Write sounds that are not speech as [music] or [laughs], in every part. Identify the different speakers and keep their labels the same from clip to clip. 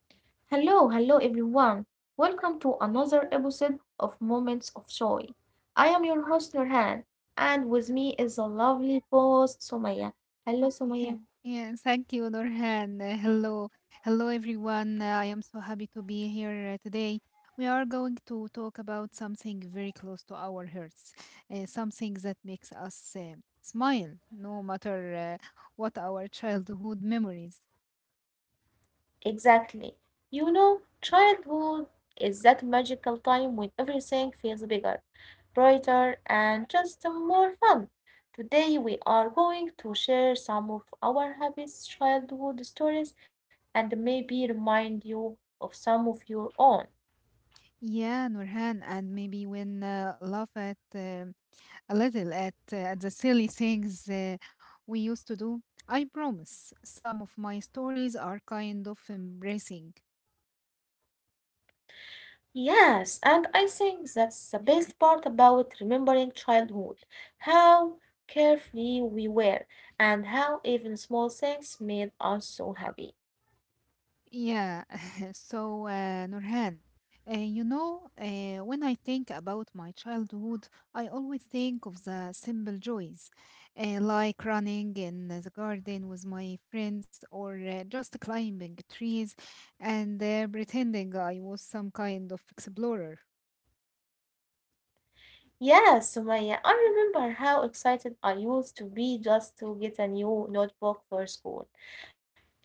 Speaker 1: Hello, hello everyone. Welcome to another episode of Moments of Joy. I am your host Nurhan, and with me is a lovely host Somaya. Hello
Speaker 2: [laughs]
Speaker 1: Somaya.
Speaker 2: Yeah, yeah, thank you, Nurhan. Hello, hello everyone. I am so happy to be here today. We are going to talk about something very close to our hearts, something that makes us smile, no matter what our childhood memories.
Speaker 1: Exactly. You know, childhood is that magical time when everything feels bigger, brighter, and just more fun. Today we are going to share some of our happiest childhood stories and maybe remind you of some of your own.
Speaker 2: Yeah, Nurhan, and maybe when laugh at a little at the silly things we used to do. I promise, some of my stories are kind of embracing.
Speaker 1: Yes, and I think that's the best part about remembering childhood. How carefree we were, and how even small things made us so happy.
Speaker 2: Yeah, [laughs] so Nurhan, when I think about my childhood, I always think of the simple joys, like running in the garden with my friends or just climbing trees and pretending I was some kind of explorer.
Speaker 1: Yes, Sumaya, I remember how excited I used to be just to get a new notebook for school.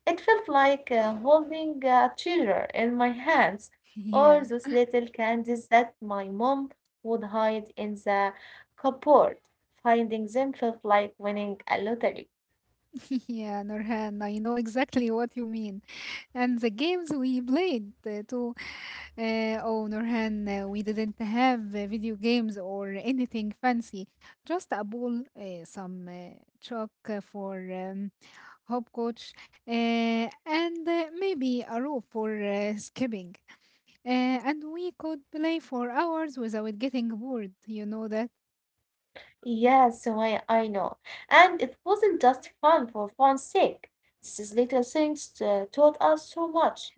Speaker 1: It felt like holding a treasure in my
Speaker 2: [laughs]
Speaker 1: hands,
Speaker 2: Yeah.
Speaker 1: or those little candies that my mom would hide in the cupboard. Finding them felt like winning a lottery.
Speaker 2: [laughs] Yeah, Nurhan, I know exactly what you mean. And the games we played too. Oh, Nurhan, we didn't have video games or anything fancy. Just a ball, some chalk for hopscotch, uh, and maybe a rope for skipping. And we could play for hours without getting bored. You know that?
Speaker 1: Yes, I know. And it wasn't just fun for fun's sake. These little things taught us so much,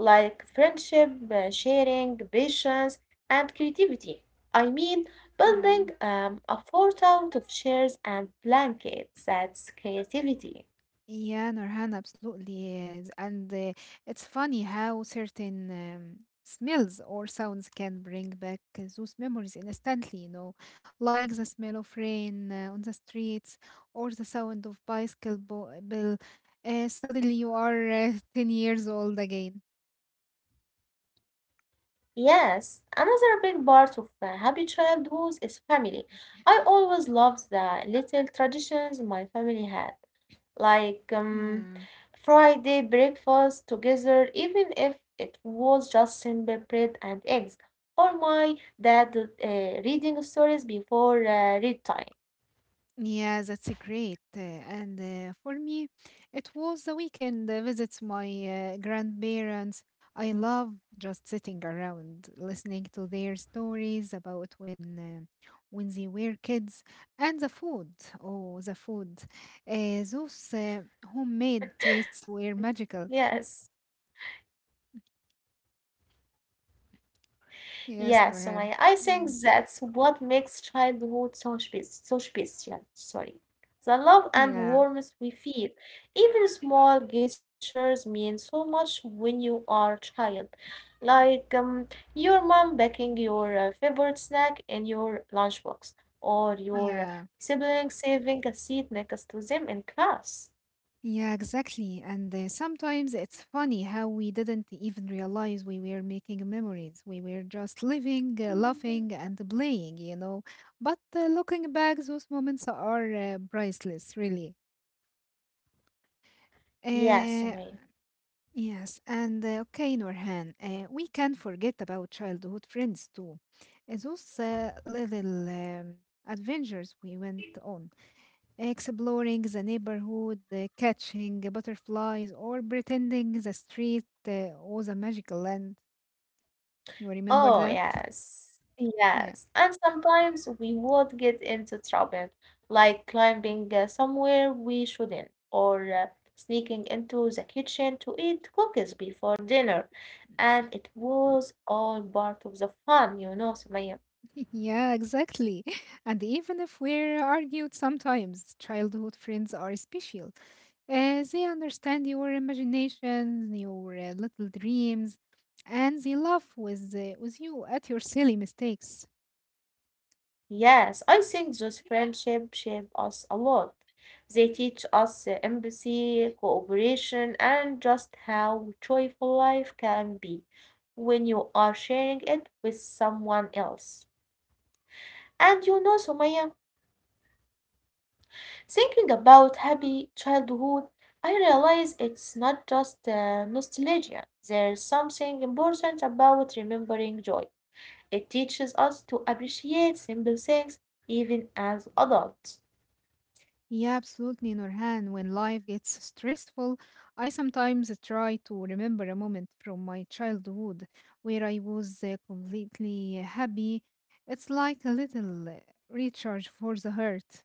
Speaker 1: like friendship, sharing, patience, and creativity. I mean,
Speaker 2: Yeah.
Speaker 1: building a fort out of chairs and blankets, that's creativity.
Speaker 2: Yeah, Nurhan, absolutely. Yes. And it's funny how certain smells or sounds can bring back those memories instantly, you know, like the smell of rain on the streets or the sound of bicycle bell. Suddenly you are [laughs] 10 years old again.
Speaker 1: Yes, another big part of happy childhood is family. I
Speaker 2: [coughs]
Speaker 1: always loved the little traditions my family had, like
Speaker 2: Yeah.
Speaker 1: Friday breakfast together, even if it was just simple bread and eggs, or my dad uh, reading stories before read time.
Speaker 2: Yeah, that's great. And for me, it was the weekend visits my grandparents. I love just sitting around, listening to their stories about when they were kids and the food. Oh, the food! Those homemade treats were magical.
Speaker 1: Yes. Yeah,
Speaker 2: Yes,
Speaker 1: so I,
Speaker 2: Norhan.
Speaker 1: I think
Speaker 2: Mm.
Speaker 1: that's what makes childhood so special. Sorry. The love and
Speaker 2: Yeah,
Speaker 1: warmth we feel. Even small gestures mean so much when you are a child. Like your mom baking your favorite snack in your lunchbox, or
Speaker 2: yeah.
Speaker 1: your sibling saving a seat next to them in class.
Speaker 2: Yeah, exactly. And sometimes it's funny how we didn't even realize we were making memories. We were just living, laughing, and playing. But looking back, those moments are priceless, really.
Speaker 1: Yes,
Speaker 2: Uh,
Speaker 1: Sumaya.
Speaker 2: yes, and okay, Norhan, we can forget about childhood friends too. Those little adventures we went on. Exploring the neighborhood, catching butterflies, or pretending the street was a magical land. You remember
Speaker 1: Oh,
Speaker 2: that?
Speaker 1: yes.
Speaker 2: Yeah,
Speaker 1: Yes. And sometimes we would get into trouble, like climbing somewhere we shouldn't, or sneaking into the kitchen to eat cookies before dinner. And it was all part of the fun, you know, Sumaya.
Speaker 2: [laughs] yeah, exactly. [laughs] And even if we're argued sometimes, childhood friends are special. They understand your imagination, your little dreams, and they laugh with you at your silly mistakes.
Speaker 1: Yes, I think those friendships shape us a lot. They teach us empathy, cooperation, and just how joyful life can be when you are sharing it with someone else. And you know, Sumaya, thinking about happy childhood, I realize it's not just nostalgia. There's something important about remembering joy. It teaches us to appreciate simple things even as adults.
Speaker 2: Yeah, absolutely, Nurhan. When life gets stressful, I sometimes try to remember a moment from my childhood where I was completely happy. It's like a little recharge for the heart.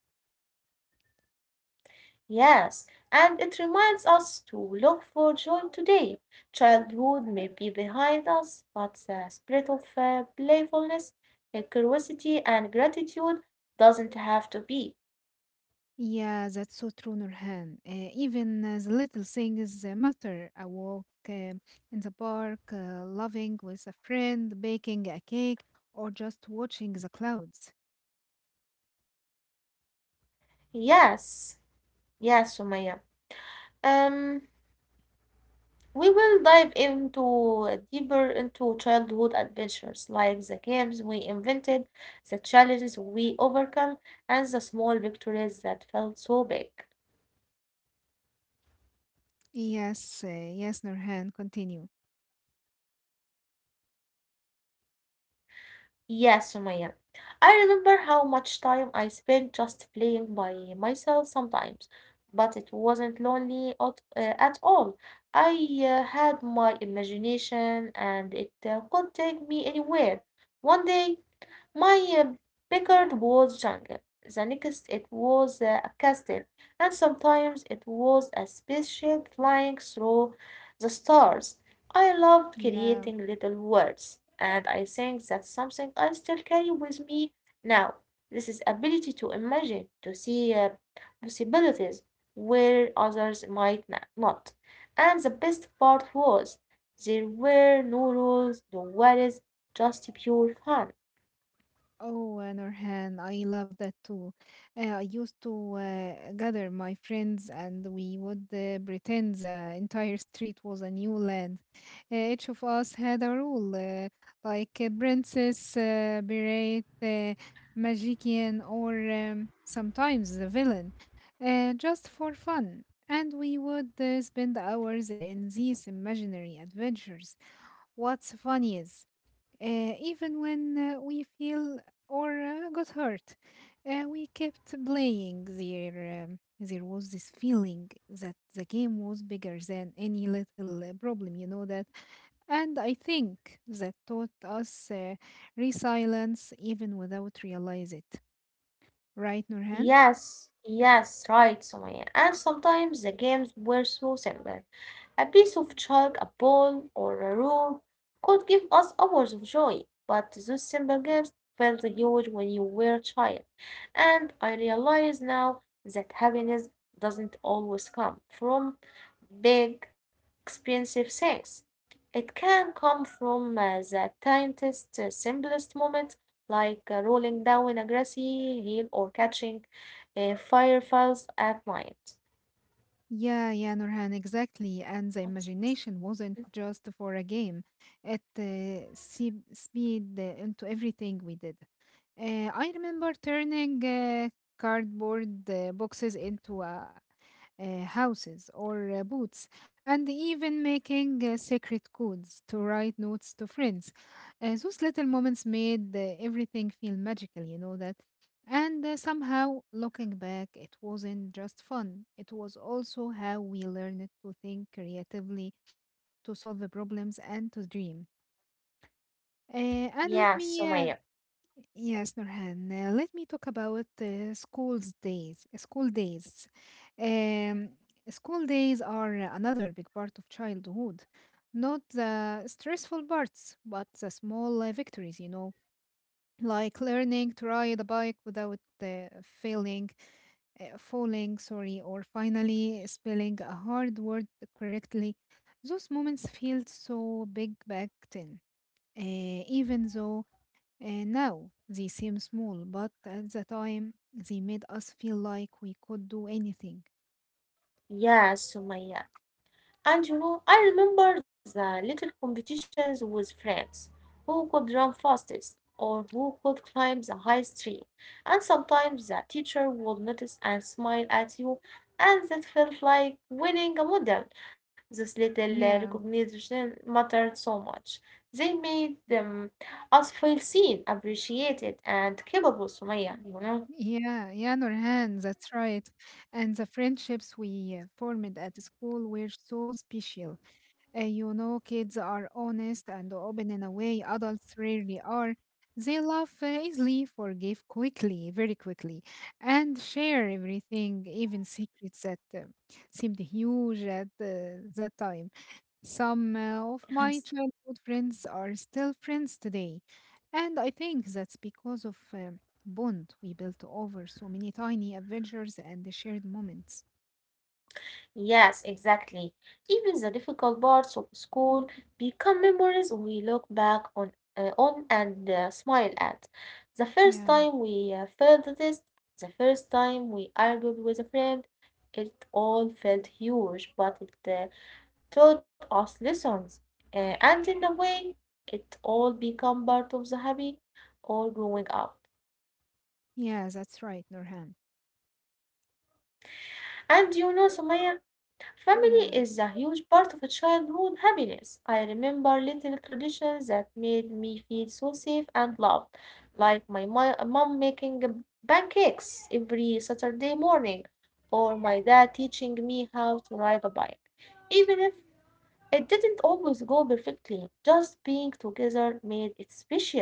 Speaker 1: Yes, and it reminds us to look for joy today. Childhood may be behind us, but the spirit of playfulness, curiosity, and gratitude doesn't have to be.
Speaker 2: Yeah, that's so true, Nurhan. Even the little things matter. A walk in the park, laughing with a friend, baking a cake, or just watching the clouds.
Speaker 1: Yes, yes, Sumaya. Um, we will dive into deeper into childhood adventures, like the games we invented, the challenges we overcome, and the small victories that felt so big.
Speaker 2: Yes, yes, Nurhan, continue.
Speaker 1: Yes, Sumaya. I remember how much time I spent just playing by myself sometimes, but it wasn't lonely at all. I had my imagination and it could take me anywhere. One day my backyard was jungle. The next it was a castle, and sometimes it was a spaceship flying through the stars. I loved
Speaker 2: Yeah.
Speaker 1: creating little worlds, and I think that's something I still carry with me now. This is ability to imagine, to see possibilities where others might not. And the best part was there were no rules, no worries, just pure fun.
Speaker 2: Oh, Nurhan, I love that too. I used to gather my friends and we would pretend the entire street was a new land. Each of us had a role, like a princess, berate, magician, or sometimes the villain, just for fun. And we would spend hours in these imaginary adventures. What's funny is even when we feel or got hurt, we kept playing. There was this feeling that the game was bigger than any little problem, you know that. And I think that taught us resilience even without realize it. Right, Nurhan?
Speaker 1: Yes, yes, right, Sumaya. And sometimes the games were so simple. A piece of chalk, a ball, or a rope could give us hours of joy, but those simple games felt huge when you were a child. And I realize now that happiness doesn't always come from big, expensive things. It can come from the tiniest, simplest moments, like rolling down a grassy hill or catching fireflies at night.
Speaker 2: Yeah, yeah, Nurhan, exactly. And the imagination wasn't just for a game, it seeped into everything we did. I remember turning cardboard boxes into a houses or boots, and even making secret codes to write notes to friends. Those little moments made everything feel magical, you know that. And somehow, looking back, it wasn't just fun. It was also how we learned to think creatively, to solve the problems, and to dream. Uh, and
Speaker 1: Yeah,
Speaker 2: let me
Speaker 1: so Maya.
Speaker 2: Yes, Nurhan. Let me talk about school's days. School days. Um, School days are another big part of childhood. Not the stressful parts, but the small victories, you know, like learning to ride a bike without falling, sorry, or finally spelling a hard word correctly. Those moments felt so big back then, even though now they seem small, but at the time they made us feel like we could do anything.
Speaker 1: Yes, Sumaya. And you know, I remember the little competitions with friends, who could run fastest or who could climb the highest tree. And sometimes the teacher would notice and smile at you, and that felt like winning a medal. This little
Speaker 2: Yeah,
Speaker 1: recognition mattered so much. They made us feel seen, appreciated, and capable, Sumaya, you know.
Speaker 2: yeah, yeah, Nurhan, that's right. And the friendships we formed at school were so special. You know, kids are honest and open in a way adults rarely are. They laugh easily, forgive quickly, very quickly, and share everything, even secrets that seemed huge at that time. Some of my
Speaker 1: [laughs]
Speaker 2: childhood friends are still friends today, and I think that's because of bond we built over so many tiny adventures and the shared moments.
Speaker 1: Yes, exactly. Even the difficult parts of school become memories we look back on and smile at. The first
Speaker 2: Yeah,
Speaker 1: time we failed the test, the first time we argued with a friend, it all felt huge, but it taught us lessons. And in a way, it all become part of the happy or growing up.
Speaker 2: yeah, that's right, Nurhan.
Speaker 1: And you know, Sumaya, family
Speaker 2: Yeah,
Speaker 1: is a huge part of a childhood happiness. I remember little traditions that made me feel so safe and loved, like my mom making pancakes every Saturday morning, or my dad teaching me how to ride a bike. Even if it didn't always go perfectly, just being together made it special.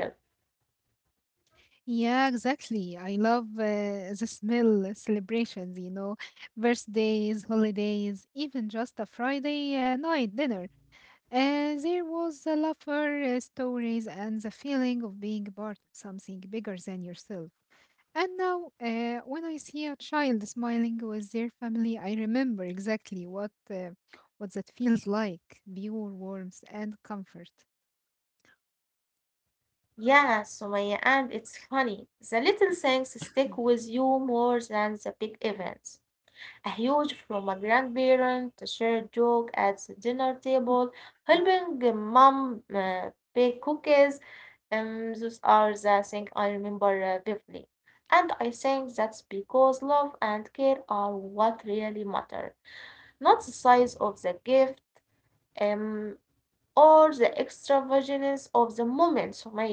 Speaker 2: yeah, exactly. I love the smell celebrations, you know, birthdays, holidays, even just a Friday night dinner. There was the laughter, stories, and the feeling of being part of something bigger than yourself. And now, when I see a child smiling with their family, I remember exactly what that feels like: pure warmth and comfort.
Speaker 1: Yeah, Sumaya, and it's funny. The little things stick with you more than the big events. A huge from a grandparent, a shared joke at the dinner table, helping a mom bake cookies. Those are the things I remember vividly. And I think that's because love and care are what really matter, not the size of the gift um, or the extravagance of the moment, Sumaya.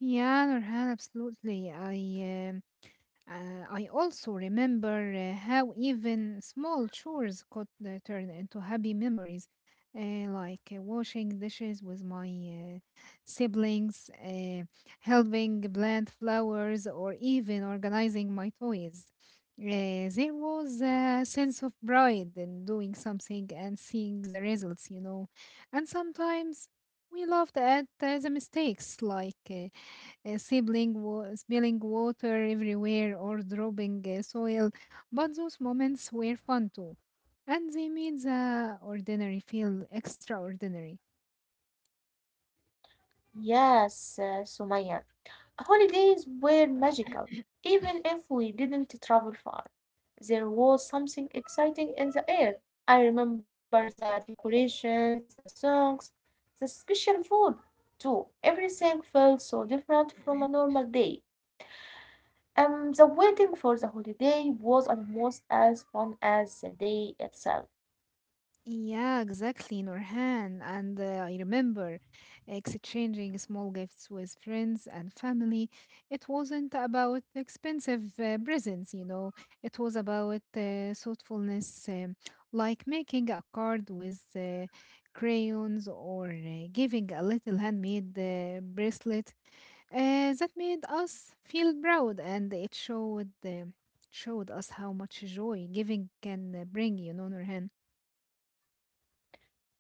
Speaker 2: Yeah, Nurhan, absolutely. I also remember how even small chores could turn into happy memories, like washing dishes with my siblings, helping plant flowers, or even organizing my toys. There was a sense of pride in doing something and seeing the results, you know. And sometimes we laughed at the mistakes, like spilling water everywhere or dropping soil, but those moments were fun too. And they made the ordinary feel extraordinary.
Speaker 1: Yes, Sumaya. Holidays were magical, even if we didn't travel far. There was something exciting in the air. I remember the decorations, the songs, the special food too. Everything felt so different from a
Speaker 2: [coughs]
Speaker 1: normal day. The waiting for the holiday was almost as fun as the day itself.
Speaker 2: Yeah, exactly, Nurhan. And I remember exchanging small gifts with friends and family. It wasn't about expensive presents, you know, it was about thoughtfulness, like making a card with crayons or giving a little handmade bracelet uh, that made us feel proud and it showed us how much joy giving can bring, you know, Nurhan.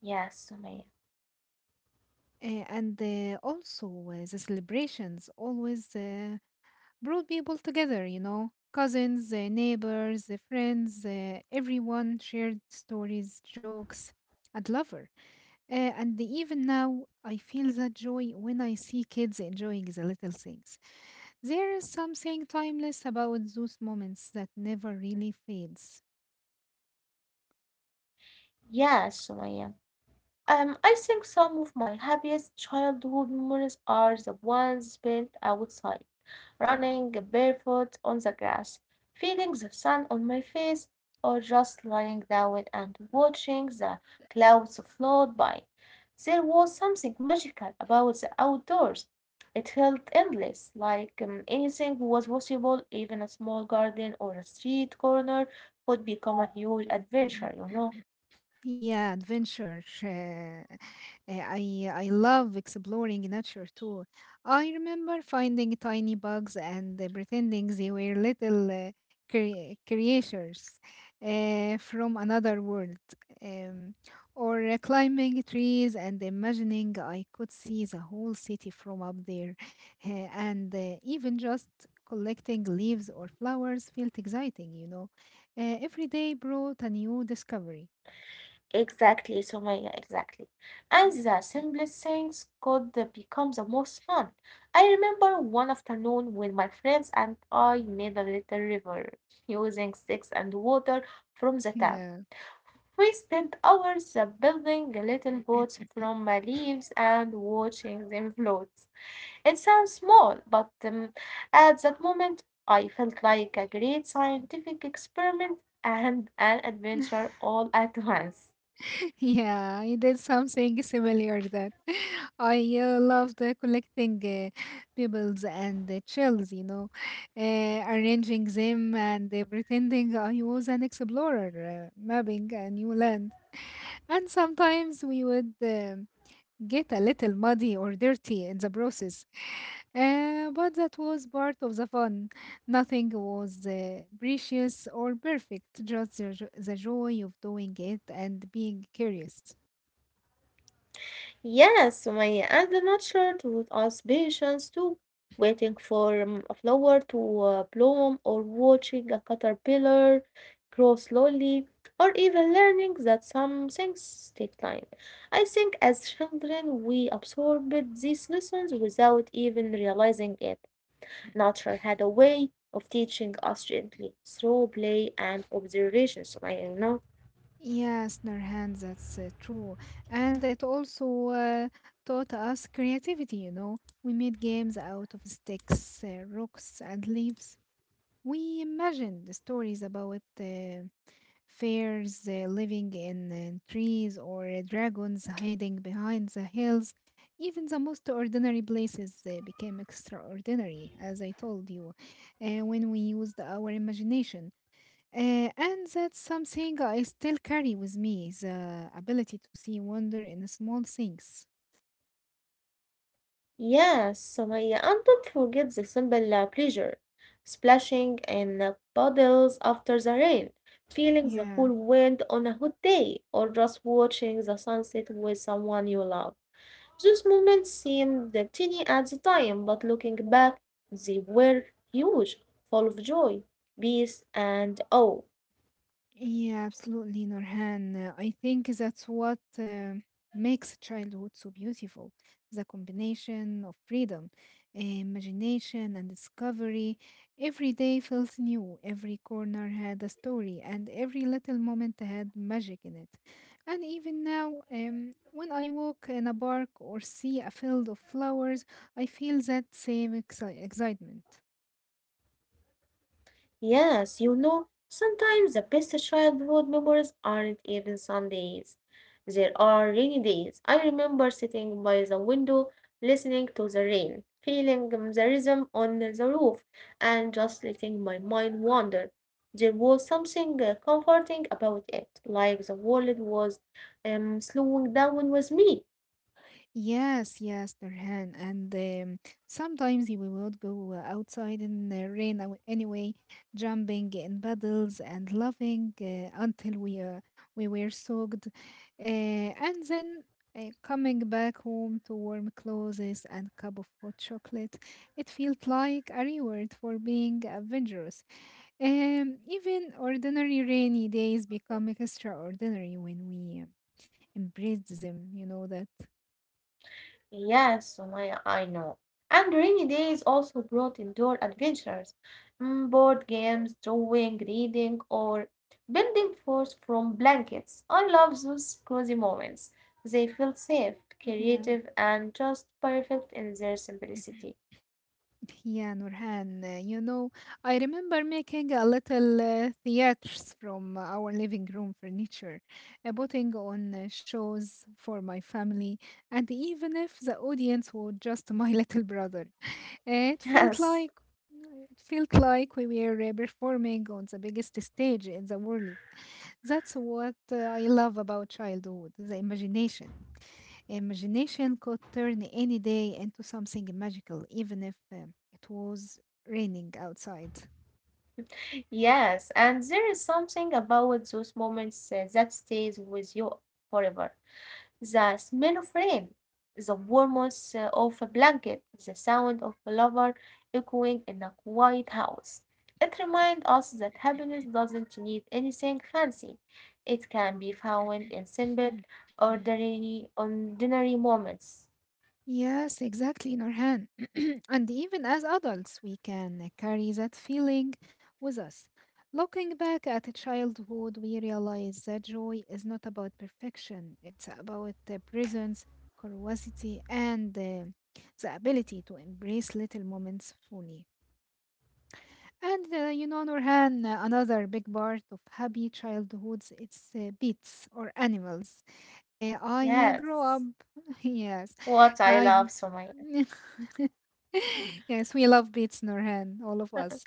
Speaker 1: Yes, Sumaya.
Speaker 2: And also, the celebrations always brought people together, you know, cousins, neighbors, friends, everyone shared stories, jokes, and lover. And even now, I feel that joy when I see kids enjoying the little things. There is something timeless about those moments that never really fades.
Speaker 1: Yes, Sumaya. I think some of my happiest childhood memories are the ones spent outside, running barefoot on the grass, feeling the sun on my face, or just lying down and watching the clouds float by. There was something magical about the outdoors. It felt endless, like anything was possible, even a small garden or a street corner could become a huge adventure, you know.
Speaker 2: Yeah, adventure. I love exploring nature too. I remember finding tiny bugs and pretending they were little creatures from another world, um, or climbing trees and imagining I could see the whole city from up there. And even just collecting leaves or flowers felt exciting, you know. Every day brought a new discovery.
Speaker 1: Exactly, Sumaya, exactly. And the simplest things could become the most fun. I remember one afternoon when my friends and I made a little river [laughs] using sticks and water from the tap.
Speaker 2: Yeah.
Speaker 1: We spent hours building little boats from
Speaker 2: [laughs]
Speaker 1: leaves and watching them float. It sounds small, but at that moment I felt like a great scientific experiment and an adventure all at once.
Speaker 2: Yeah, I did something similar that [laughs] I loved collecting pebbles and shells, you know, arranging them and pretending I was an explorer, mapping a new land. And sometimes we would get a little muddy or dirty in the process. But that was part of the fun. Nothing was precious or perfect, just the joy of doing it and being curious.
Speaker 1: Yes, Sumaya, and the nature taught us patience too, waiting for a flower to bloom or watching a caterpillar grow slowly, or even learning that some things take time. I think as children, we absorbed these lessons without even realizing it. Nature had a way of teaching us gently through play and observation, Sumaya, you know.
Speaker 2: Yes, Nurhan, that's true. And it also taught us creativity, you know. We made games out of sticks, rocks, and leaves. We imagined stories about Fairs living in trees or dragons hiding behind the hills. Even the most ordinary places became extraordinary, as I told you, when we used our imagination. And that's something I still carry with me, the ability to see wonder in small things.
Speaker 1: Yes, Sumaya, and don't forget the simple pleasure, splashing in puddles after the rain, feeling the
Speaker 2: Yeah.
Speaker 1: cool wind on a hot day, or just watching the sunset with someone you love. Those moments seemed tiny at the time, but looking back, they were huge, full of joy, peace, and awe.
Speaker 2: Yeah, absolutely, Nurhan. I think that's what makes childhood so beautiful. The combination of freedom, imagination, and discovery. Every day felt new, every corner had a story, and every little moment had magic in it. And even now, when I walk in a park or see a field of flowers, I feel that same excitement.
Speaker 1: Yes, you know, sometimes the best childhood memories aren't even Sundays. There are rainy days. I remember sitting by the window, listening to the rain, feeling the rhythm on the roof, and just letting my mind wander. There was something comforting about it, like the world was slowing down with me.
Speaker 2: Yes, yes, Nurhan. And sometimes we would go outside in the rain anyway, jumping in puddles and laughing until we were soaked, and then coming back home to warm clothes and cup of hot chocolate. It felt like a reward for being adventurous. Even ordinary rainy days become extraordinary when we embrace them. You know that.
Speaker 1: Yes, Sumaya, I know. And rainy days also brought indoor adventures, board games, drawing, reading, or building forts from blankets. I love those cozy moments. They feel safe,
Speaker 2: Yeah.
Speaker 1: creative, and just perfect in their simplicity.
Speaker 2: Yeah, Nurhan, you know, I remember making a little theatres from our living room furniture, putting on shows for my family, and even if the audience was just my [laughs] little brother,
Speaker 1: [laughs]
Speaker 2: it felt
Speaker 1: Yes,
Speaker 2: like it felt like we were performing on the biggest stage in the world. That's what I love about childhood, the imagination. Imagination could turn any day into something magical, even if it was raining outside.
Speaker 1: yes, and there is something about those moments that stays with you forever. The smell of rain, the warmth of a blanket, the sound of laughter echoing in a quiet house. It reminds us that happiness doesn't need anything fancy. It can be found in simple,
Speaker 2: [coughs]
Speaker 1: ordinary moments.
Speaker 2: Yes, exactly, Norhan. [clears throat] And even as adults, we can carry that feeling with us. Looking back at childhood, we realize that joy is not about perfection, it's about the presence, curiosity, and the ability to embrace little moments fully. And you know, Nurhan, another big part of happy childhoods, it's pets or animals. I grew up,
Speaker 1: Yes,
Speaker 2: [laughs] yes,
Speaker 1: what I
Speaker 2: I,
Speaker 1: love, Sumaya.
Speaker 2: [laughs] yes, we love pets, Nurhan, all of us.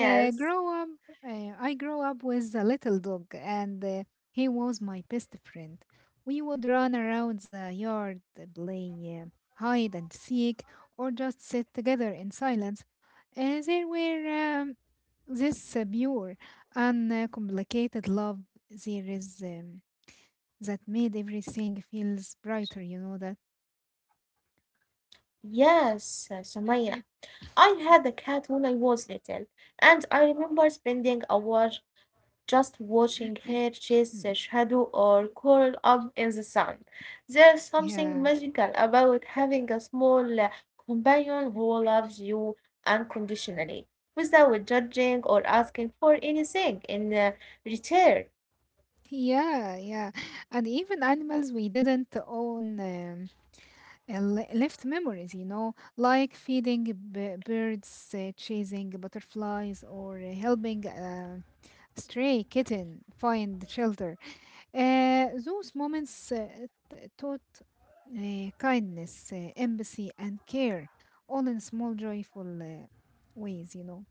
Speaker 1: Yes.
Speaker 2: Grow up, I grew up with a little dog, and he was my best friend. We would run around the yard, play hide and seek, or just sit together in silence. There were um, this pure, uncomplicated love there is that made everything feels brighter. You know that.
Speaker 1: Yes, Sumaya.
Speaker 2: [coughs]
Speaker 1: I had a cat when I was little, and I remember spending hours just watching her chase a
Speaker 2: Mm.
Speaker 1: shadow or curl up in the sun. There's something
Speaker 2: Yeah,
Speaker 1: magical about having a small companion who loves you unconditionally without judging or asking for anything in return.
Speaker 2: yeah. And even animals we didn't own, left memories, you know, like feeding birds, chasing butterflies, or helping a stray kitten find shelter. Those moments taught kindness, empathy, and care, all in small, joyful ways, you know.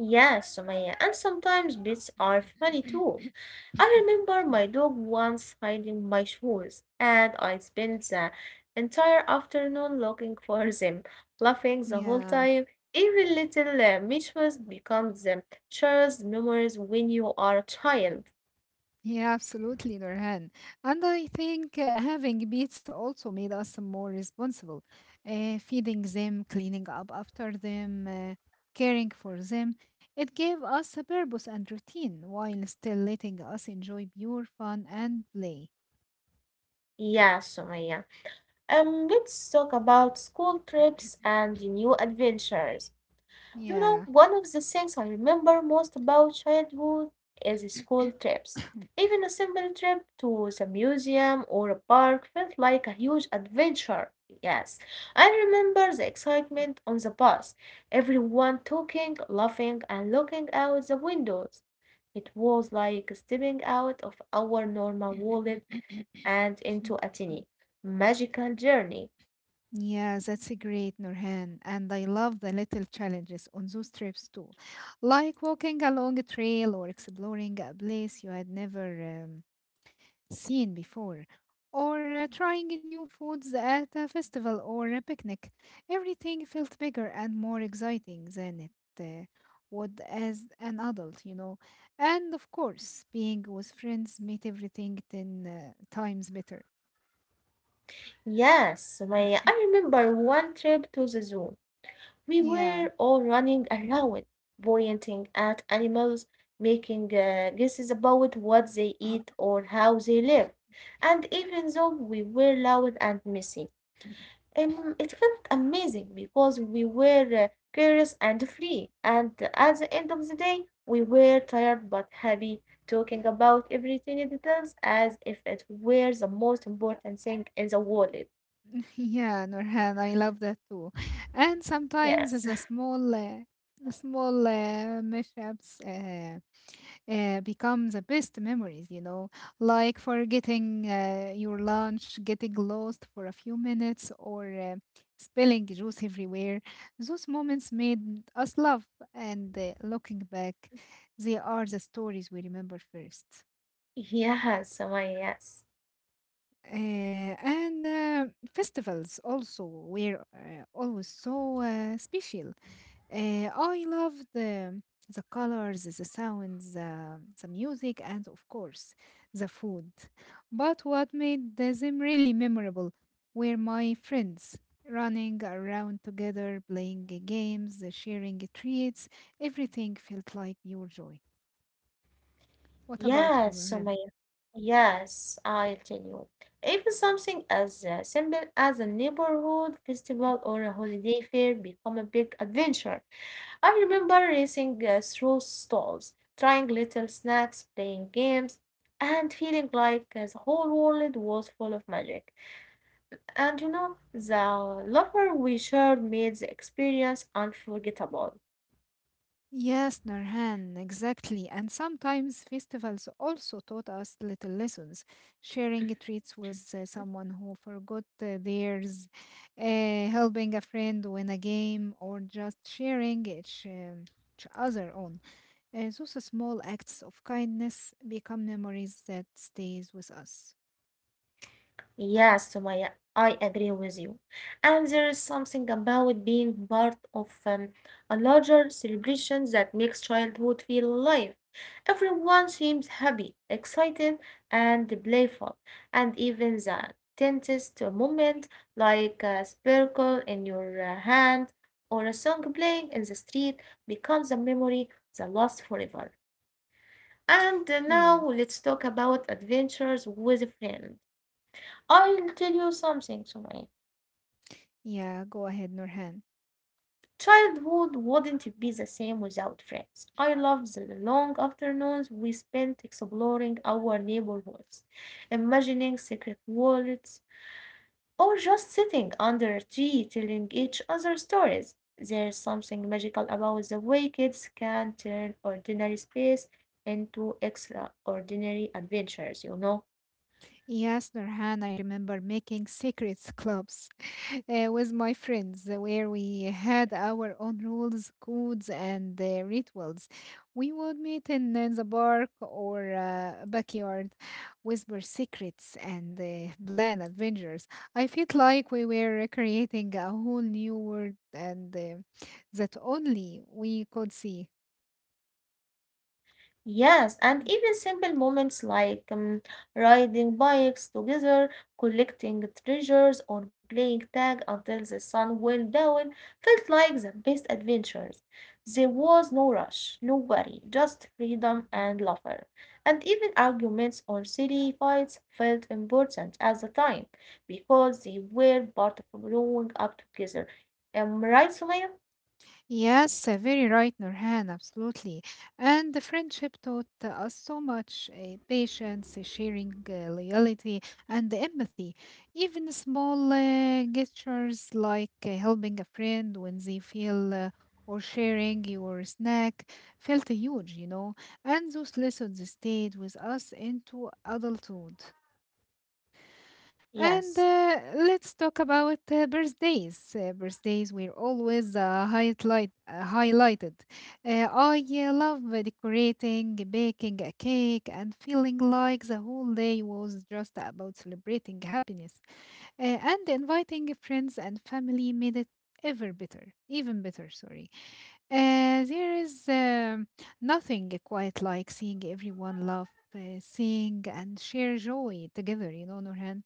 Speaker 1: Yes, Sumaya, and sometimes bits are funny too.
Speaker 2: [coughs]
Speaker 1: I remember my dog once hiding my shoes, and I spent the entire afternoon looking for [laughs] them, laughing the whole
Speaker 2: yeah,
Speaker 1: time. Even little mischievous becomes the cherished memories when you are a child.
Speaker 2: yeah, absolutely, Nurhan. And I think having pets also made us more responsible, feeding them, cleaning up after them, caring for them. It gave us a purpose and routine while still letting us enjoy pure fun and play.
Speaker 1: Yeah, Sumaya. Let's talk about school trips and new adventures. You know,
Speaker 2: Yeah.
Speaker 1: one of the things I remember most about childhood is school trips. Even a simple trip to the museum or a park felt like a huge adventure. Yes, I remember the excitement on the bus, everyone talking, laughing, and looking out the windows. It was like stepping out of our normal world
Speaker 2: [coughs]
Speaker 1: and into a tiny, magical journey.
Speaker 2: Yes, that's a great Nurhan, and I love the little challenges on those trips too, like walking along a trail or exploring a place you had never seen before, or trying new foods at a festival or a picnic. Everything felt bigger and more exciting than it would as an adult, you know. And of course, being with friends made everything 10 times better.
Speaker 1: Yes, Maya, I remember one trip to the zoo. We were
Speaker 2: Yeah.
Speaker 1: all running around, pointing at animals, making guesses about what they eat
Speaker 2: [coughs]
Speaker 1: or how they live. And even though we were loud and messy,
Speaker 2: [laughs]
Speaker 1: it felt amazing because we were curious and free. And at the end of the day, we were tired but happy, talking about every tiny details as if it were the most important thing in the world.
Speaker 2: Yeah, Norhan, I love that too. And
Speaker 1: Yes.
Speaker 2: sometimes as a
Speaker 1: [laughs]
Speaker 2: small mishaps become the best memories, you know, like forgetting your lunch, getting lost for a few minutes, or spilling juice everywhere. Those moments made us laugh, and looking back, they are the stories we remember first.
Speaker 1: Yes, Sumaya, yes.
Speaker 2: And festivals also were always so special. I love the colors, the sounds, the music, and of course the food. But what made the Zim really memorable were my friends running around together, playing games, sharing treats. Everything felt like pure joy. What about you,
Speaker 1: Yes,
Speaker 2: Nurhan?
Speaker 1: Sumaya. Yes, I'll tell you. Even something as simple as a neighborhood festival or a holiday fair become a big adventure. I remember racing through stalls, trying little snacks, playing games, and feeling like the whole world was full of magic. And you know, the laughter we shared made the experience unforgettable.
Speaker 2: Yes, Narhan, exactly. And sometimes festivals also taught us little lessons. Sharing treats with someone who forgot theirs, helping a friend win a game, or just sharing each other on. Those small acts of kindness become memories that stays with us.
Speaker 1: Yes, Sumaya, I agree with you. And there is something about being part of a larger celebration that makes childhood feel alive. Everyone seems happy, excited, and playful, and even the tensest moment, like a sparkle in your hand or a song playing in the street, becomes a memory that lasts forever. And now let's
Speaker 2: Yes.
Speaker 1: talk about adventures with friends. I'll tell you something, Sumaya.
Speaker 2: Yeah, go ahead, Nurhan.
Speaker 1: Childhood wouldn't be the same without friends. I love the long afternoons we spent exploring our neighborhoods, imagining secret worlds, or just sitting under a tree telling each other stories. There's something magical about the way kids can turn ordinary space into extraordinary adventures, you know.
Speaker 2: Yes, Nurhan, I remember making secrets clubs [laughs] with my friends where we had our own rules, codes, and rituals. We would meet in, the park or backyard, whisper secrets, and plan adventures. I felt like we were creating a whole new world and that only we could see.
Speaker 1: Yes, and even simple moments like riding bikes together, collecting treasures, or playing tag until the sun went down felt like the best adventures. There was no rush, no worry, just freedom and laughter. And even arguments or silly fights felt important at the time because they were part of growing up together. Am I right, Sumaya?
Speaker 2: Yes, very right, Nurhan, absolutely. And the friendship taught us so much patience, sharing, loyalty, and empathy. Even small gestures like helping a friend when they feel or sharing your snack felt huge, you know. And those lessons stayed with us into adulthood. And
Speaker 1: Yes.
Speaker 2: let's talk about birthdays. Birthdays were always highlighted. I love decorating, baking a cake, and feeling like the whole day was just about celebrating happiness. And inviting friends and family made it even better, sorry. There is nothing quite like seeing everyone laugh, sing, and share joy together, you know, Nurhan.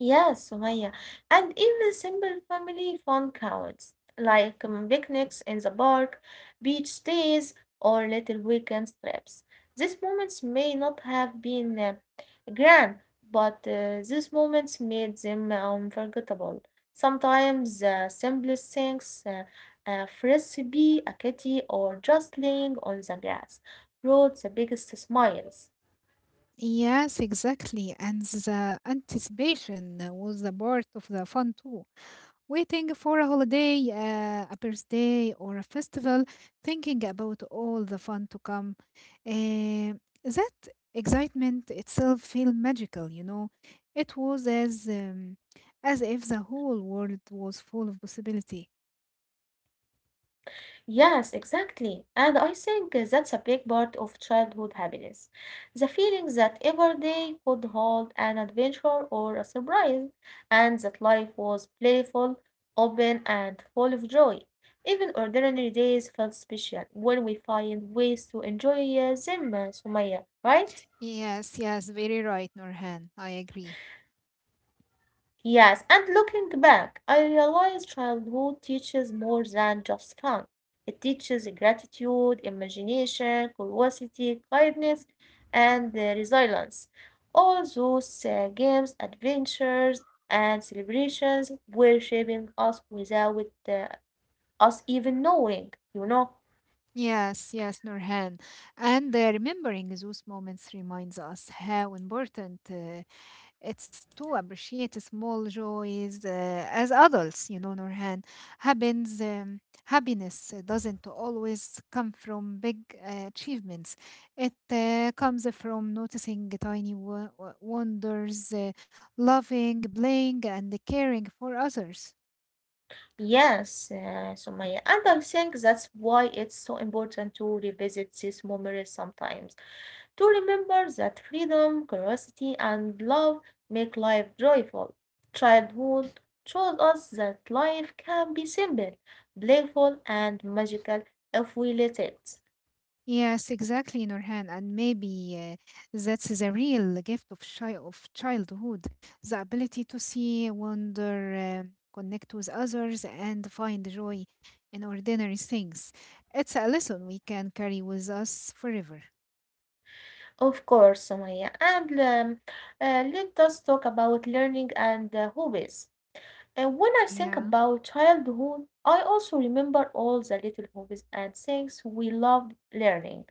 Speaker 1: Yes, Sumaya. And even simple family fun counts, like picnics in the park, beach days, or little weekend trips. These moments may not have been grand, but these moments made them unforgettable. Sometimes the simplest things, a frisbee, a kitty, or just laying on the grass, brought the biggest smiles.
Speaker 2: Yes, exactly. And the anticipation was a part of the fun too. Waiting for a holiday, a birthday, or a festival, thinking about all the fun to come. Uh, that excitement itself felt magical, you know. It was as if the whole world was full of possibility.
Speaker 1: Yes, exactly. And I think that's a big part of childhood happiness. The feeling that every day could hold an adventure or a surprise, and that life was playful, open, and full of joy. Even ordinary days felt special when we find ways to enjoy them, Sumaya, right?
Speaker 2: Yes, yes, very right, Norhan. I agree.
Speaker 1: Yes, and looking back, I realize childhood teaches more than just fun. It teaches gratitude, imagination, curiosity, kindness, and resilience. All those games, adventures, and celebrations were shaping us without us even knowing, you know?
Speaker 2: Yes, yes, Nurhan. And remembering those moments reminds us how important it's to appreciate small joys as adults, you know, Nurhan. Happiness doesn't always come from big achievements. It comes from noticing tiny wonders, loving, playing, and caring for others.
Speaker 1: Yes, Sumaya. And I think that's why it's so important to revisit these memories sometimes, to remember that freedom, curiosity, and love make life joyful. Childhood shows us that life can be simple, playful, and magical if we let it.
Speaker 2: Yes, exactly, Nurhan. And maybe that's the real gift of, of childhood, the ability to see, wonder, connect with others, and find joy in ordinary things. It's a lesson we can carry with us forever.
Speaker 1: Of course, Sumaya. And let us talk about learning and hobbies. And when I think
Speaker 2: Yeah.
Speaker 1: about childhood, I also remember all the little hobbies and things we loved learning.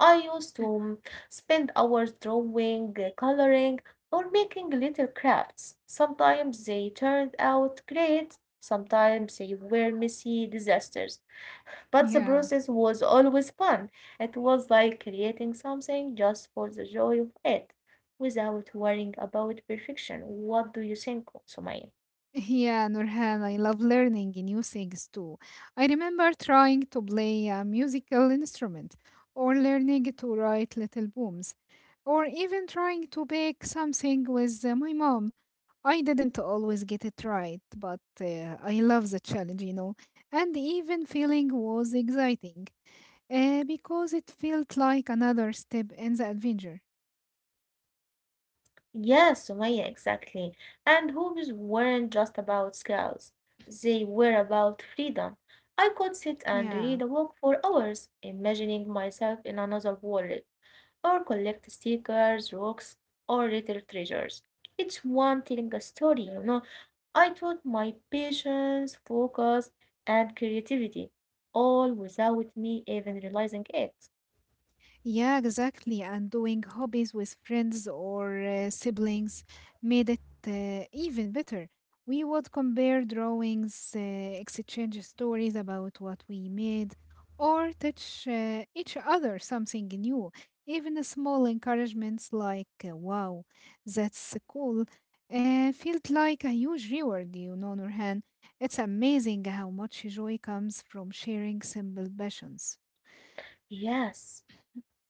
Speaker 1: I used to
Speaker 2: [clears throat]
Speaker 1: spend hours drawing, coloring, or making little crafts. Sometimes they turned out great, sometimes they were messy disasters. But the
Speaker 2: Yeah.
Speaker 1: process was always fun. It was like creating something just for the joy of it, without worrying about perfection. What do you think, Sumaya?
Speaker 2: Yeah, Nurhan, I love learning new things too. I remember trying to play a musical instrument, or learning to write little poems, or even trying to bake something with my mom. I didn't always get it right, but I love the challenge, you know. And even feeling was exciting, because it felt like another step in the adventure.
Speaker 1: Yes, Sumaya, exactly. And hobbies weren't just about skills, they were about freedom. I could sit and read a
Speaker 2: Yeah.
Speaker 1: book for hours, imagining myself in another world, or collect stickers, rocks, or little treasures. Each one telling a story, you know. I taught my patience, focus, and creativity, all without me even realizing it.
Speaker 2: Yeah, exactly. And doing hobbies with friends or siblings made it even better. We would compare drawings, exchange stories about what we made, or teach each other something new. Even the small encouragements like, wow, that's cool, felt like a huge reward, you know, Nurhan. It's amazing how much joy comes from sharing simple passions.
Speaker 1: Yes,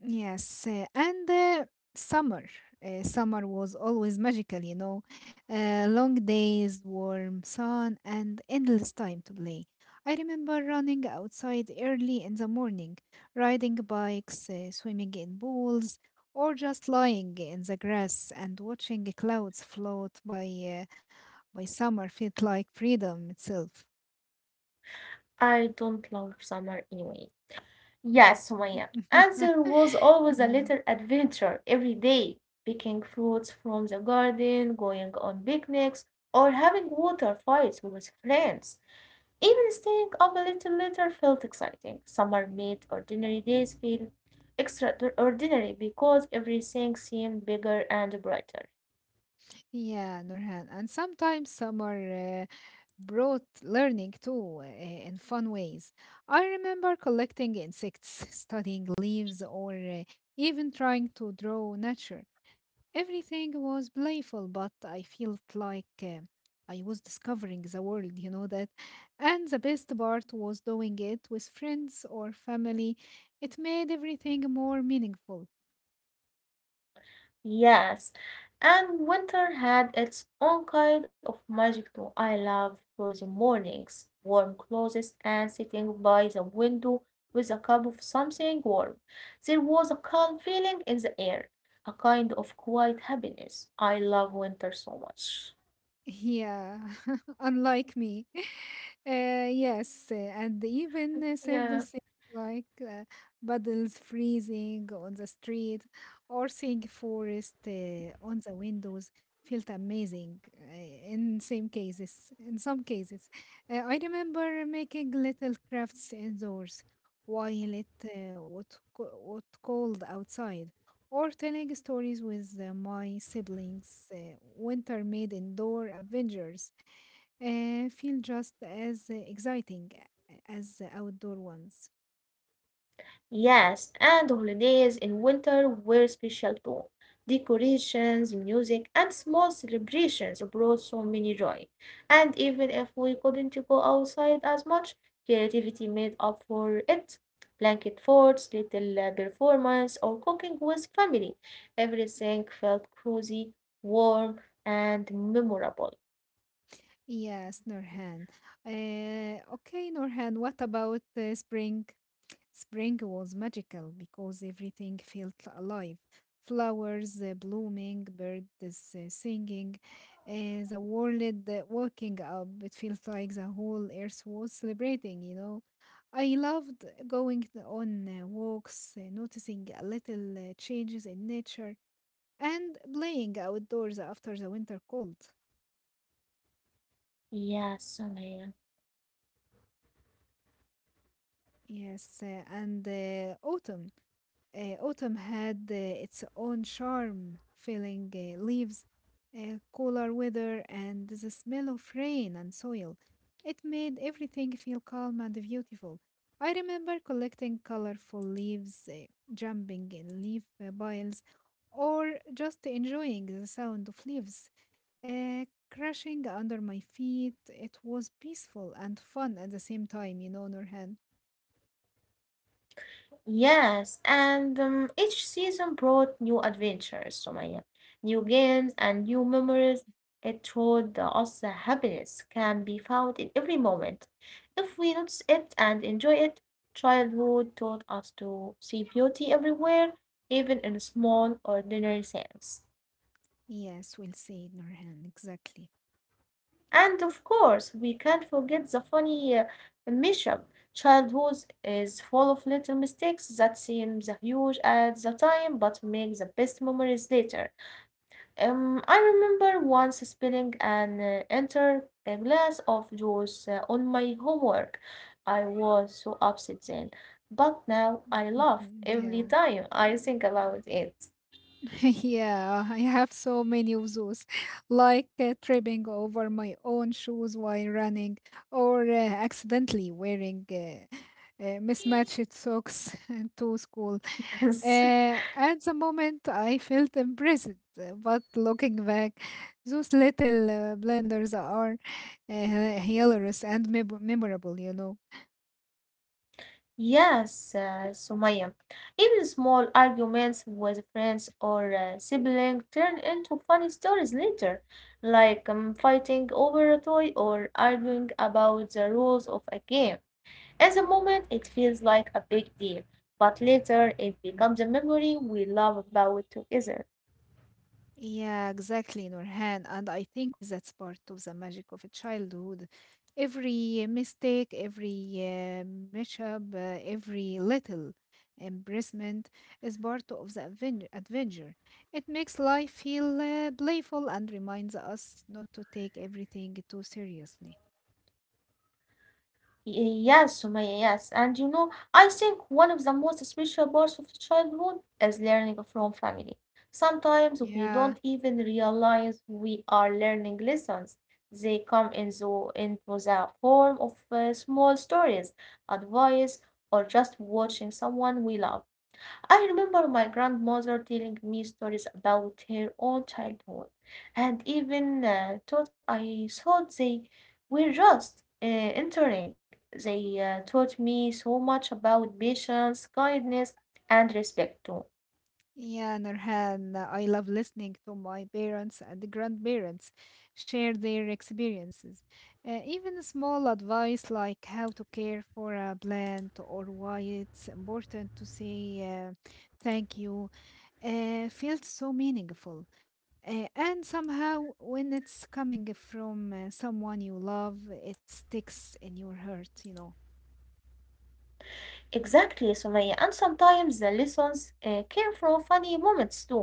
Speaker 2: Yes, and the summer. Summer was always magical, you know. Long days, warm sun, and endless time to play. I remember running outside early in the morning, riding bikes, swimming in pools, or just lying in the grass and watching the clouds float by. Summer felt like freedom itself.
Speaker 1: I don't love summer anyway. Yes, Sumaya. Answer
Speaker 2: [laughs]
Speaker 1: was always a
Speaker 2: Yeah.
Speaker 1: little adventure every day, picking fruits from the garden, going on picnics, or having water fights with friends. Even staying up a little later felt exciting. Summer made ordinary days feel extraordinary because everything seemed bigger and brighter.
Speaker 2: Yeah, Nurhan. And sometimes summer brought learning too in fun ways. I remember collecting insects, [laughs] studying leaves, or even trying to draw nature. Everything was playful, but I felt like I was discovering the world, you know that. And the best part was doing it with friends or family. It made everything more meaningful.
Speaker 1: Yes, and winter had its own kind of magic too. I loved cozy mornings, warm clothes, and sitting by the window with a cup of something warm. There was a calm feeling in the air, a kind of quiet happiness. I love winter so much.
Speaker 2: Yeah, [laughs] unlike me. [laughs] Yes, and even
Speaker 1: Yeah.
Speaker 2: simple things like puddles freezing on the street or seeing forest on the windows felt amazing in same cases. In some cases, I remember making little crafts indoors while it was cold outside or telling stories with my siblings. Winter made indoor adventures feel just as exciting as the outdoor ones.
Speaker 1: Yes, and holidays in winter were special too. Decorations, music, and small celebrations brought so many joy. And even if we couldn't go outside as much, creativity made up for it. Blanket forts, little performance, or cooking with family. Everything felt cozy, warm, and memorable.
Speaker 2: Yes, Norhan. Okay, Norhan, what about spring? Spring was magical because everything felt alive. Flowers blooming, birds singing, the world waking up. It felt like the whole earth was celebrating, you know. I loved going on walks, noticing a little changes in nature, and playing outdoors after the winter cold.
Speaker 1: Yes, Sumaya.
Speaker 2: Yes, and autumn. Autumn had its own charm, filling leaves, cooler weather, and the smell of rain and soil. It made everything feel calm and beautiful. I remember collecting colorful leaves, jumping in leaf piles, or just enjoying the sound of leaves uh, crashing under my feet. It was peaceful and fun at the same time, you know, Nurhan.
Speaker 1: Yes, and each season brought new adventures, Sumaya, new games and new memories. It taught us that happiness can be found in every moment. If we notice it and enjoy it, childhood taught us to see beauty everywhere, even in small, ordinary things.
Speaker 2: Yes, we'll say it, Nurhan, exactly.
Speaker 1: And of course, we can't forget the funny mishap. Childhood is full of little mistakes that seem the huge at the time but make the best memories later. I remember once spilling an entire glass of juice on my homework. I was so upset then, but now I laugh
Speaker 2: Mhm,
Speaker 1: every
Speaker 2: yeah.
Speaker 1: time I think about it.
Speaker 2: [laughs] Yeah, I have so many of those, [laughs] like tripping over my own shoes while running, or accidentally wearing mismatched socks [laughs] to school.
Speaker 1: [laughs] Yes.
Speaker 2: At the moment, I felt embarrassed, but looking back, those little blunders are hilarious and memorable, you know.
Speaker 1: Yes, Sumaya. Even small arguments with friends or sibling turn into funny stories later, like fighting over a toy or arguing about the rules of a game. At the moment, it feels like a big deal, but later it becomes a memory we love about together.
Speaker 2: Yeah, exactly, Nurhan. And I think that's part of the magic of a childhood. Every mistake, every mishap, every little embarrassment is part of the adventure. It makes life feel playful and reminds us not to take everything too seriously.
Speaker 1: Y- Yes, Sumaya, yes. And you know, I think one of the most special parts of childhood is learning from family. Sometimes we
Speaker 2: Yeah.
Speaker 1: don't even realize we are learning lessons. They come in into the form of small stories, advice, or just watching someone we love. I remember my grandmother telling me stories about her own childhood, and even thought I thought they were just entering. They taught me so much about patience, kindness, and respect too.
Speaker 2: Yeah, Nurhan, I love listening to my parents and grandparents share their experiences. Even small advice like how to care for a plant or why it's important to say uh, thank you feels so meaningful. And somehow, when it's coming from someone you love, it sticks in your heart, you know.
Speaker 1: Exactly, Sumaya. And sometimes the lessons came from funny moments too,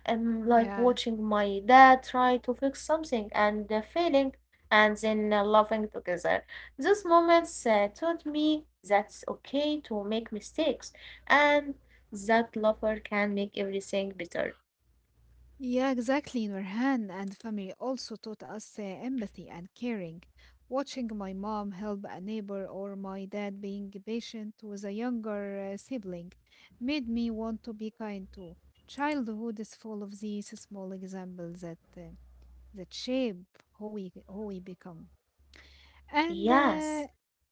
Speaker 1: like
Speaker 2: Yeah.
Speaker 1: watching my dad try to fix something and failing and then laughing together. These moments taught me that's okay to make mistakes and that lover can make everything better.
Speaker 2: Yeah, exactly, Nurhan, and family also taught us empathy and caring. Watching my mom help a neighbor or my dad being patient with a younger sibling made me want to be kind too. Childhood is full of these small examples that shape who we become. And
Speaker 1: Yes,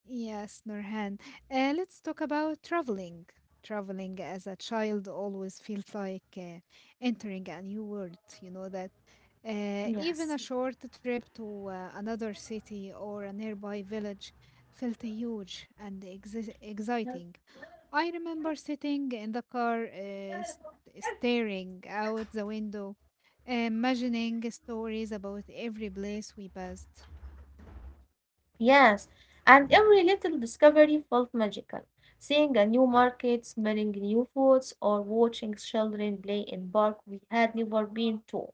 Speaker 2: yes, Nurhan, let's talk about traveling. Traveling as a child always feels like entering a new world. You know that even a
Speaker 1: yes,
Speaker 2: short trip to another city or a nearby village felt huge and exciting.
Speaker 1: yes.
Speaker 2: I remember sitting in the car, staring out the window, imagining stories about every place we passed.
Speaker 1: Yes. And every little discovery felt magical. Seeing a new market, smelling new foods, or watching children play in park we had never been to.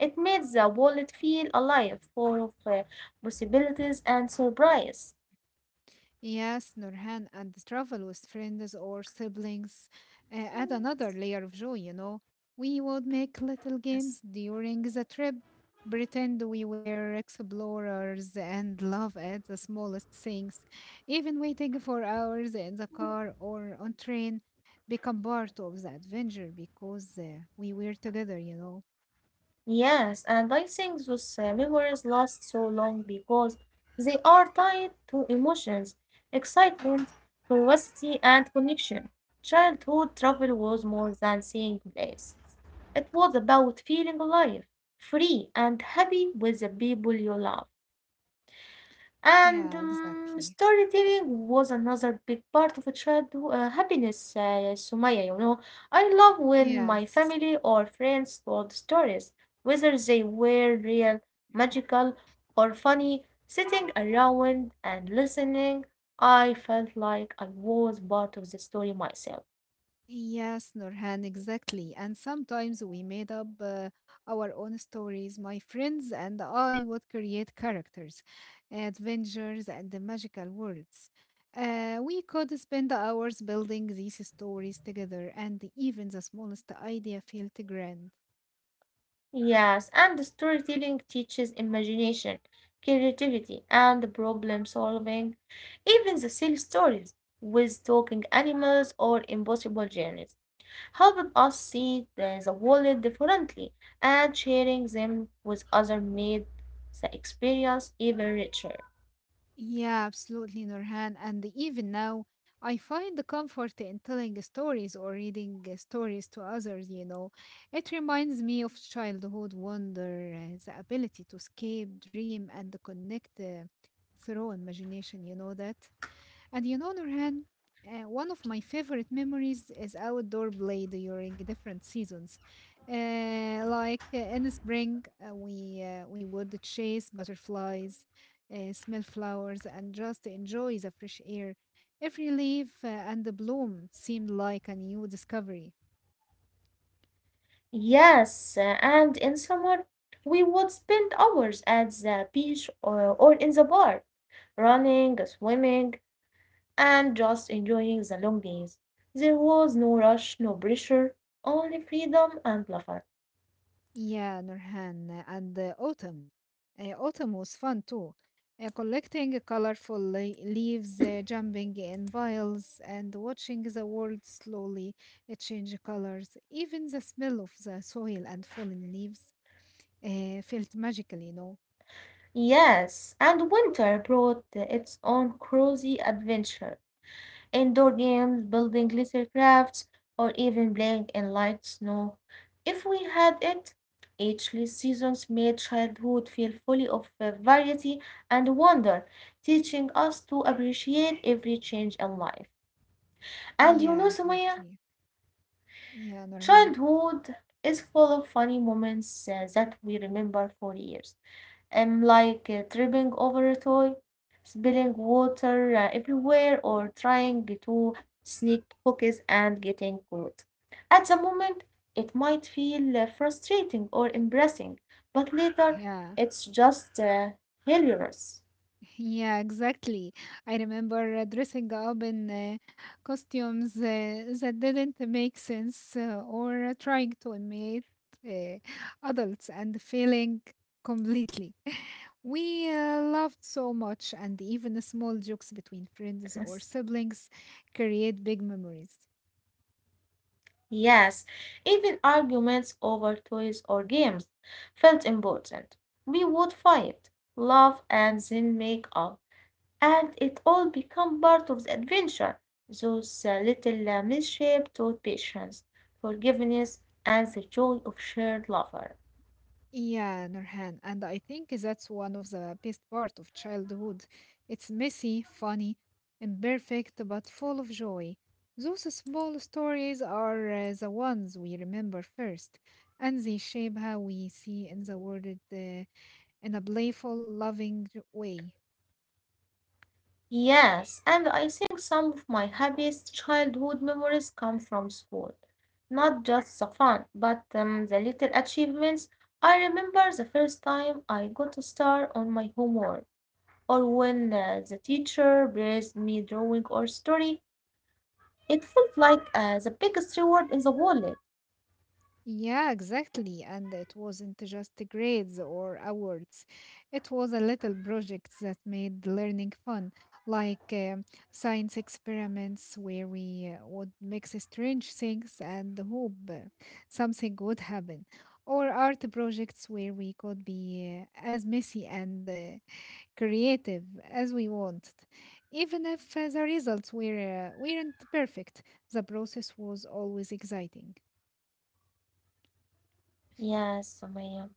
Speaker 1: It made the wallet feel alive, full of possibilities and surprise.
Speaker 2: Yes, Nurhan, and travel with friends or siblings add another layer of joy. We would make little
Speaker 1: Yes.
Speaker 2: games during the trip, pretend we were explorers and laugh at the smallest things. Even waiting for hours in the car or on train become part of the adventure because we were together.
Speaker 1: Yes, and I think those memories last so long because they are tied to emotions, excitement, curiosity, and connection. Childhood travel was more than seeing places. It was about feeling alive, free, and happy with the people you love. And
Speaker 2: Yeah, exactly.
Speaker 1: storytelling was another big part of a childhood happiness, Sumaya, you know. I love when my
Speaker 2: Yes.
Speaker 1: family or friends told stories, whether they were real, magical, or funny. Sitting around and listening, I felt like I was part of the story myself.
Speaker 2: Yes, Nurhan, exactly. And sometimes we made up our own stories. My friends and I would create characters, adventures, and the magical worlds. We could spend hours building these stories together, and even the smallest idea felt grand.
Speaker 1: Yes, and storytelling teaches imagination, creativity, and problem solving. Even the silly stories with talking animals or impossible journeys helped us see the world differently, and sharing them with others made the experience even richer.
Speaker 2: Yeah, absolutely, Nurhan. And even now, I find the comfort in telling stories or reading stories to others. It reminds me of childhood wonder, the ability to escape, dream, and connect through imagination, you know that? And Nurhan, one of my favorite memories is outdoor play during different seasons. In the spring, we would chase butterflies, smell flowers, and just enjoy the fresh air. Every leaf and the bloom seemed like a new discovery.
Speaker 1: Yes, and in summer, we would spend hours at the beach or in the park, running, swimming and just enjoying the long days. There was no rush, no pressure, only freedom and laughter.
Speaker 2: Yeah, Nurhan, and autumn. Autumn was fun too. Collecting colorful leaves, jumping in piles, and watching the world slowly change colors. Even the smell of the soil and fallen leaves felt magical,
Speaker 1: Yes, and winter brought its own cozy adventure. Indoor games, building little crafts, or even playing in light snow. If we had it, each seasons made childhood feel full of variety and wonder, teaching us to appreciate every change in life. And you know,
Speaker 2: Yeah,
Speaker 1: Sumaya,
Speaker 2: exactly. Yeah, Nurhan.
Speaker 1: childhood is full of funny moments that we remember for years. Like tripping over a toy, spilling water everywhere, or trying to sneak cookies and getting caught. At the moment, it might feel frustrating or embarrassing, but later
Speaker 2: Yeah.
Speaker 1: it's just hilarious.
Speaker 2: Yeah, exactly. I remember dressing up in costumes that didn't make sense or trying to imitate uh, adults and failing completely. [laughs] We laughed so much, and even the small jokes between friends
Speaker 1: Yes.
Speaker 2: or siblings create big memories.
Speaker 1: Yes, even arguments over toys or games felt important. We would fight, laugh, and then make up, and it all became part of the adventure. Those little misshapes taught patience, forgiveness, and the joy of shared laughter.
Speaker 2: Yeah, Nurhan, and I think that's one of the best part of childhood. It's messy, funny, imperfect, but full of joy. Those small stories are the ones we remember first, and they shape how we see in the world uh, in a playful, loving way.
Speaker 1: Yes, and I think some of my happiest childhood memories come from school. Not just the fun, but the little achievements. I remember the first time I got a star on my homework, or when the teacher praised me drawing or story. It felt like the biggest reward in the world.
Speaker 2: Yeah, exactly. And it wasn't just the grades or awards. It was a little project that made learning fun, like science experiments where we would mix strange things and hope something would happen, or art projects where we could be as messy and creative as we wanted. Even if the results weren't perfect, the process was always exciting.
Speaker 1: Yes, Sumaya.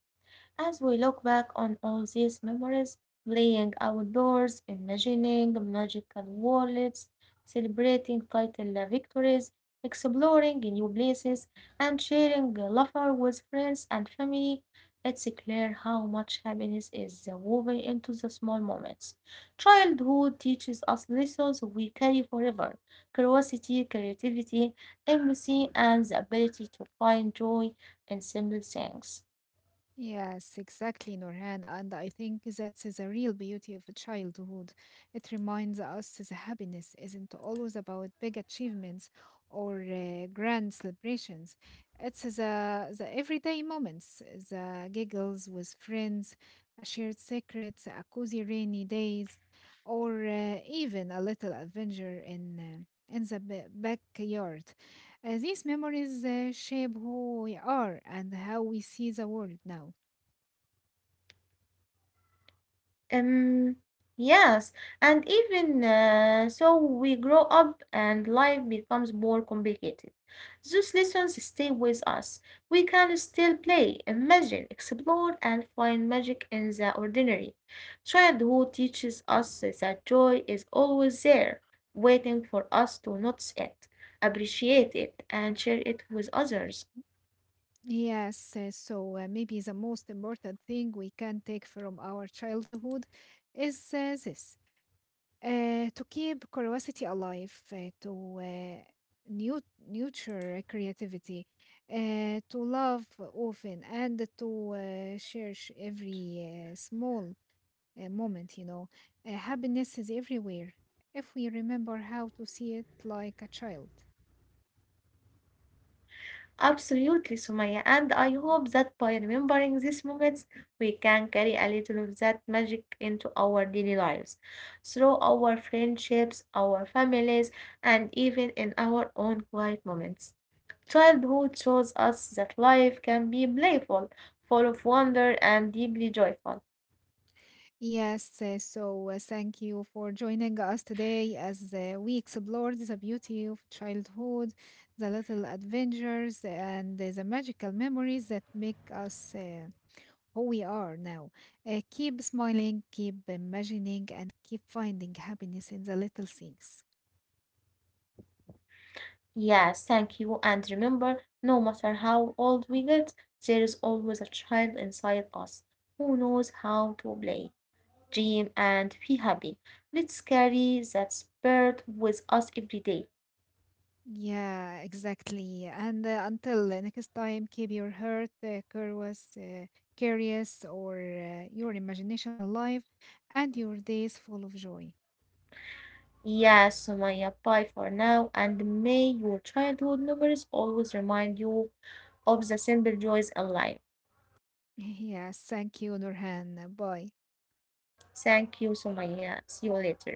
Speaker 1: As we look back on all these memories, playing outdoors, imagining magical worlds, celebrating vital victories, exploring new places, and sharing laughter with friends and family, it's clear how much happiness is woven into the small moments. Childhood teaches us lessons we carry forever, curiosity, creativity, empathy, and the ability to find joy in simple things.
Speaker 2: Yes, exactly, Norhan. And I think that is the real beauty of childhood. It reminds us that happiness isn't always about big achievements or grand celebrations. It's the everyday moments, the giggles with friends, a shared secret, a cozy rainy days, or even a little adventure in the backyard. These memories shape who we are and how we see the world now.
Speaker 1: Yes, and even so, we grow up and life becomes more complicated. Those lessons stay with us. We can still play, imagine, explore, and find magic in the ordinary. Childhood teaches us that joy is always there, waiting for us to notice it, appreciate it, and share it with others.
Speaker 2: Yes, maybe the most important thing we can take from our childhood is this to keep curiosity alive, nu- nurture creativity, to love often, and to cherish every small moment. Happiness is everywhere if we remember how to see it like a child.
Speaker 1: Absolutely, Sumaya, and I hope that by remembering these moments, we can carry a little of that magic into our daily lives, through our friendships, our families, and even in our own quiet moments. Childhood shows us that life can be playful, full of wonder, and deeply joyful.
Speaker 2: Yes, thank you for joining us today as we explored the beauty of childhood, the little adventures, and the magical memories that make us who we are now. Keep smiling, keep imagining, and keep finding happiness in the little things.
Speaker 1: Yes, thank you, and remember, no matter how old we get, there is always a child inside us who knows how to play, dream, and be happy. Let's carry that spirit with us every day.
Speaker 2: Yeah, exactly. And until the next time, keep your heart curious, or your imagination alive, and your days full of joy.
Speaker 1: Yes, Sumaya, bye for now, and may your childhood memories always remind you of the simple joys in life.
Speaker 2: [laughs] Yes, thank you, Nurhan. Bye.
Speaker 1: Thank you, Sumaya. See you later.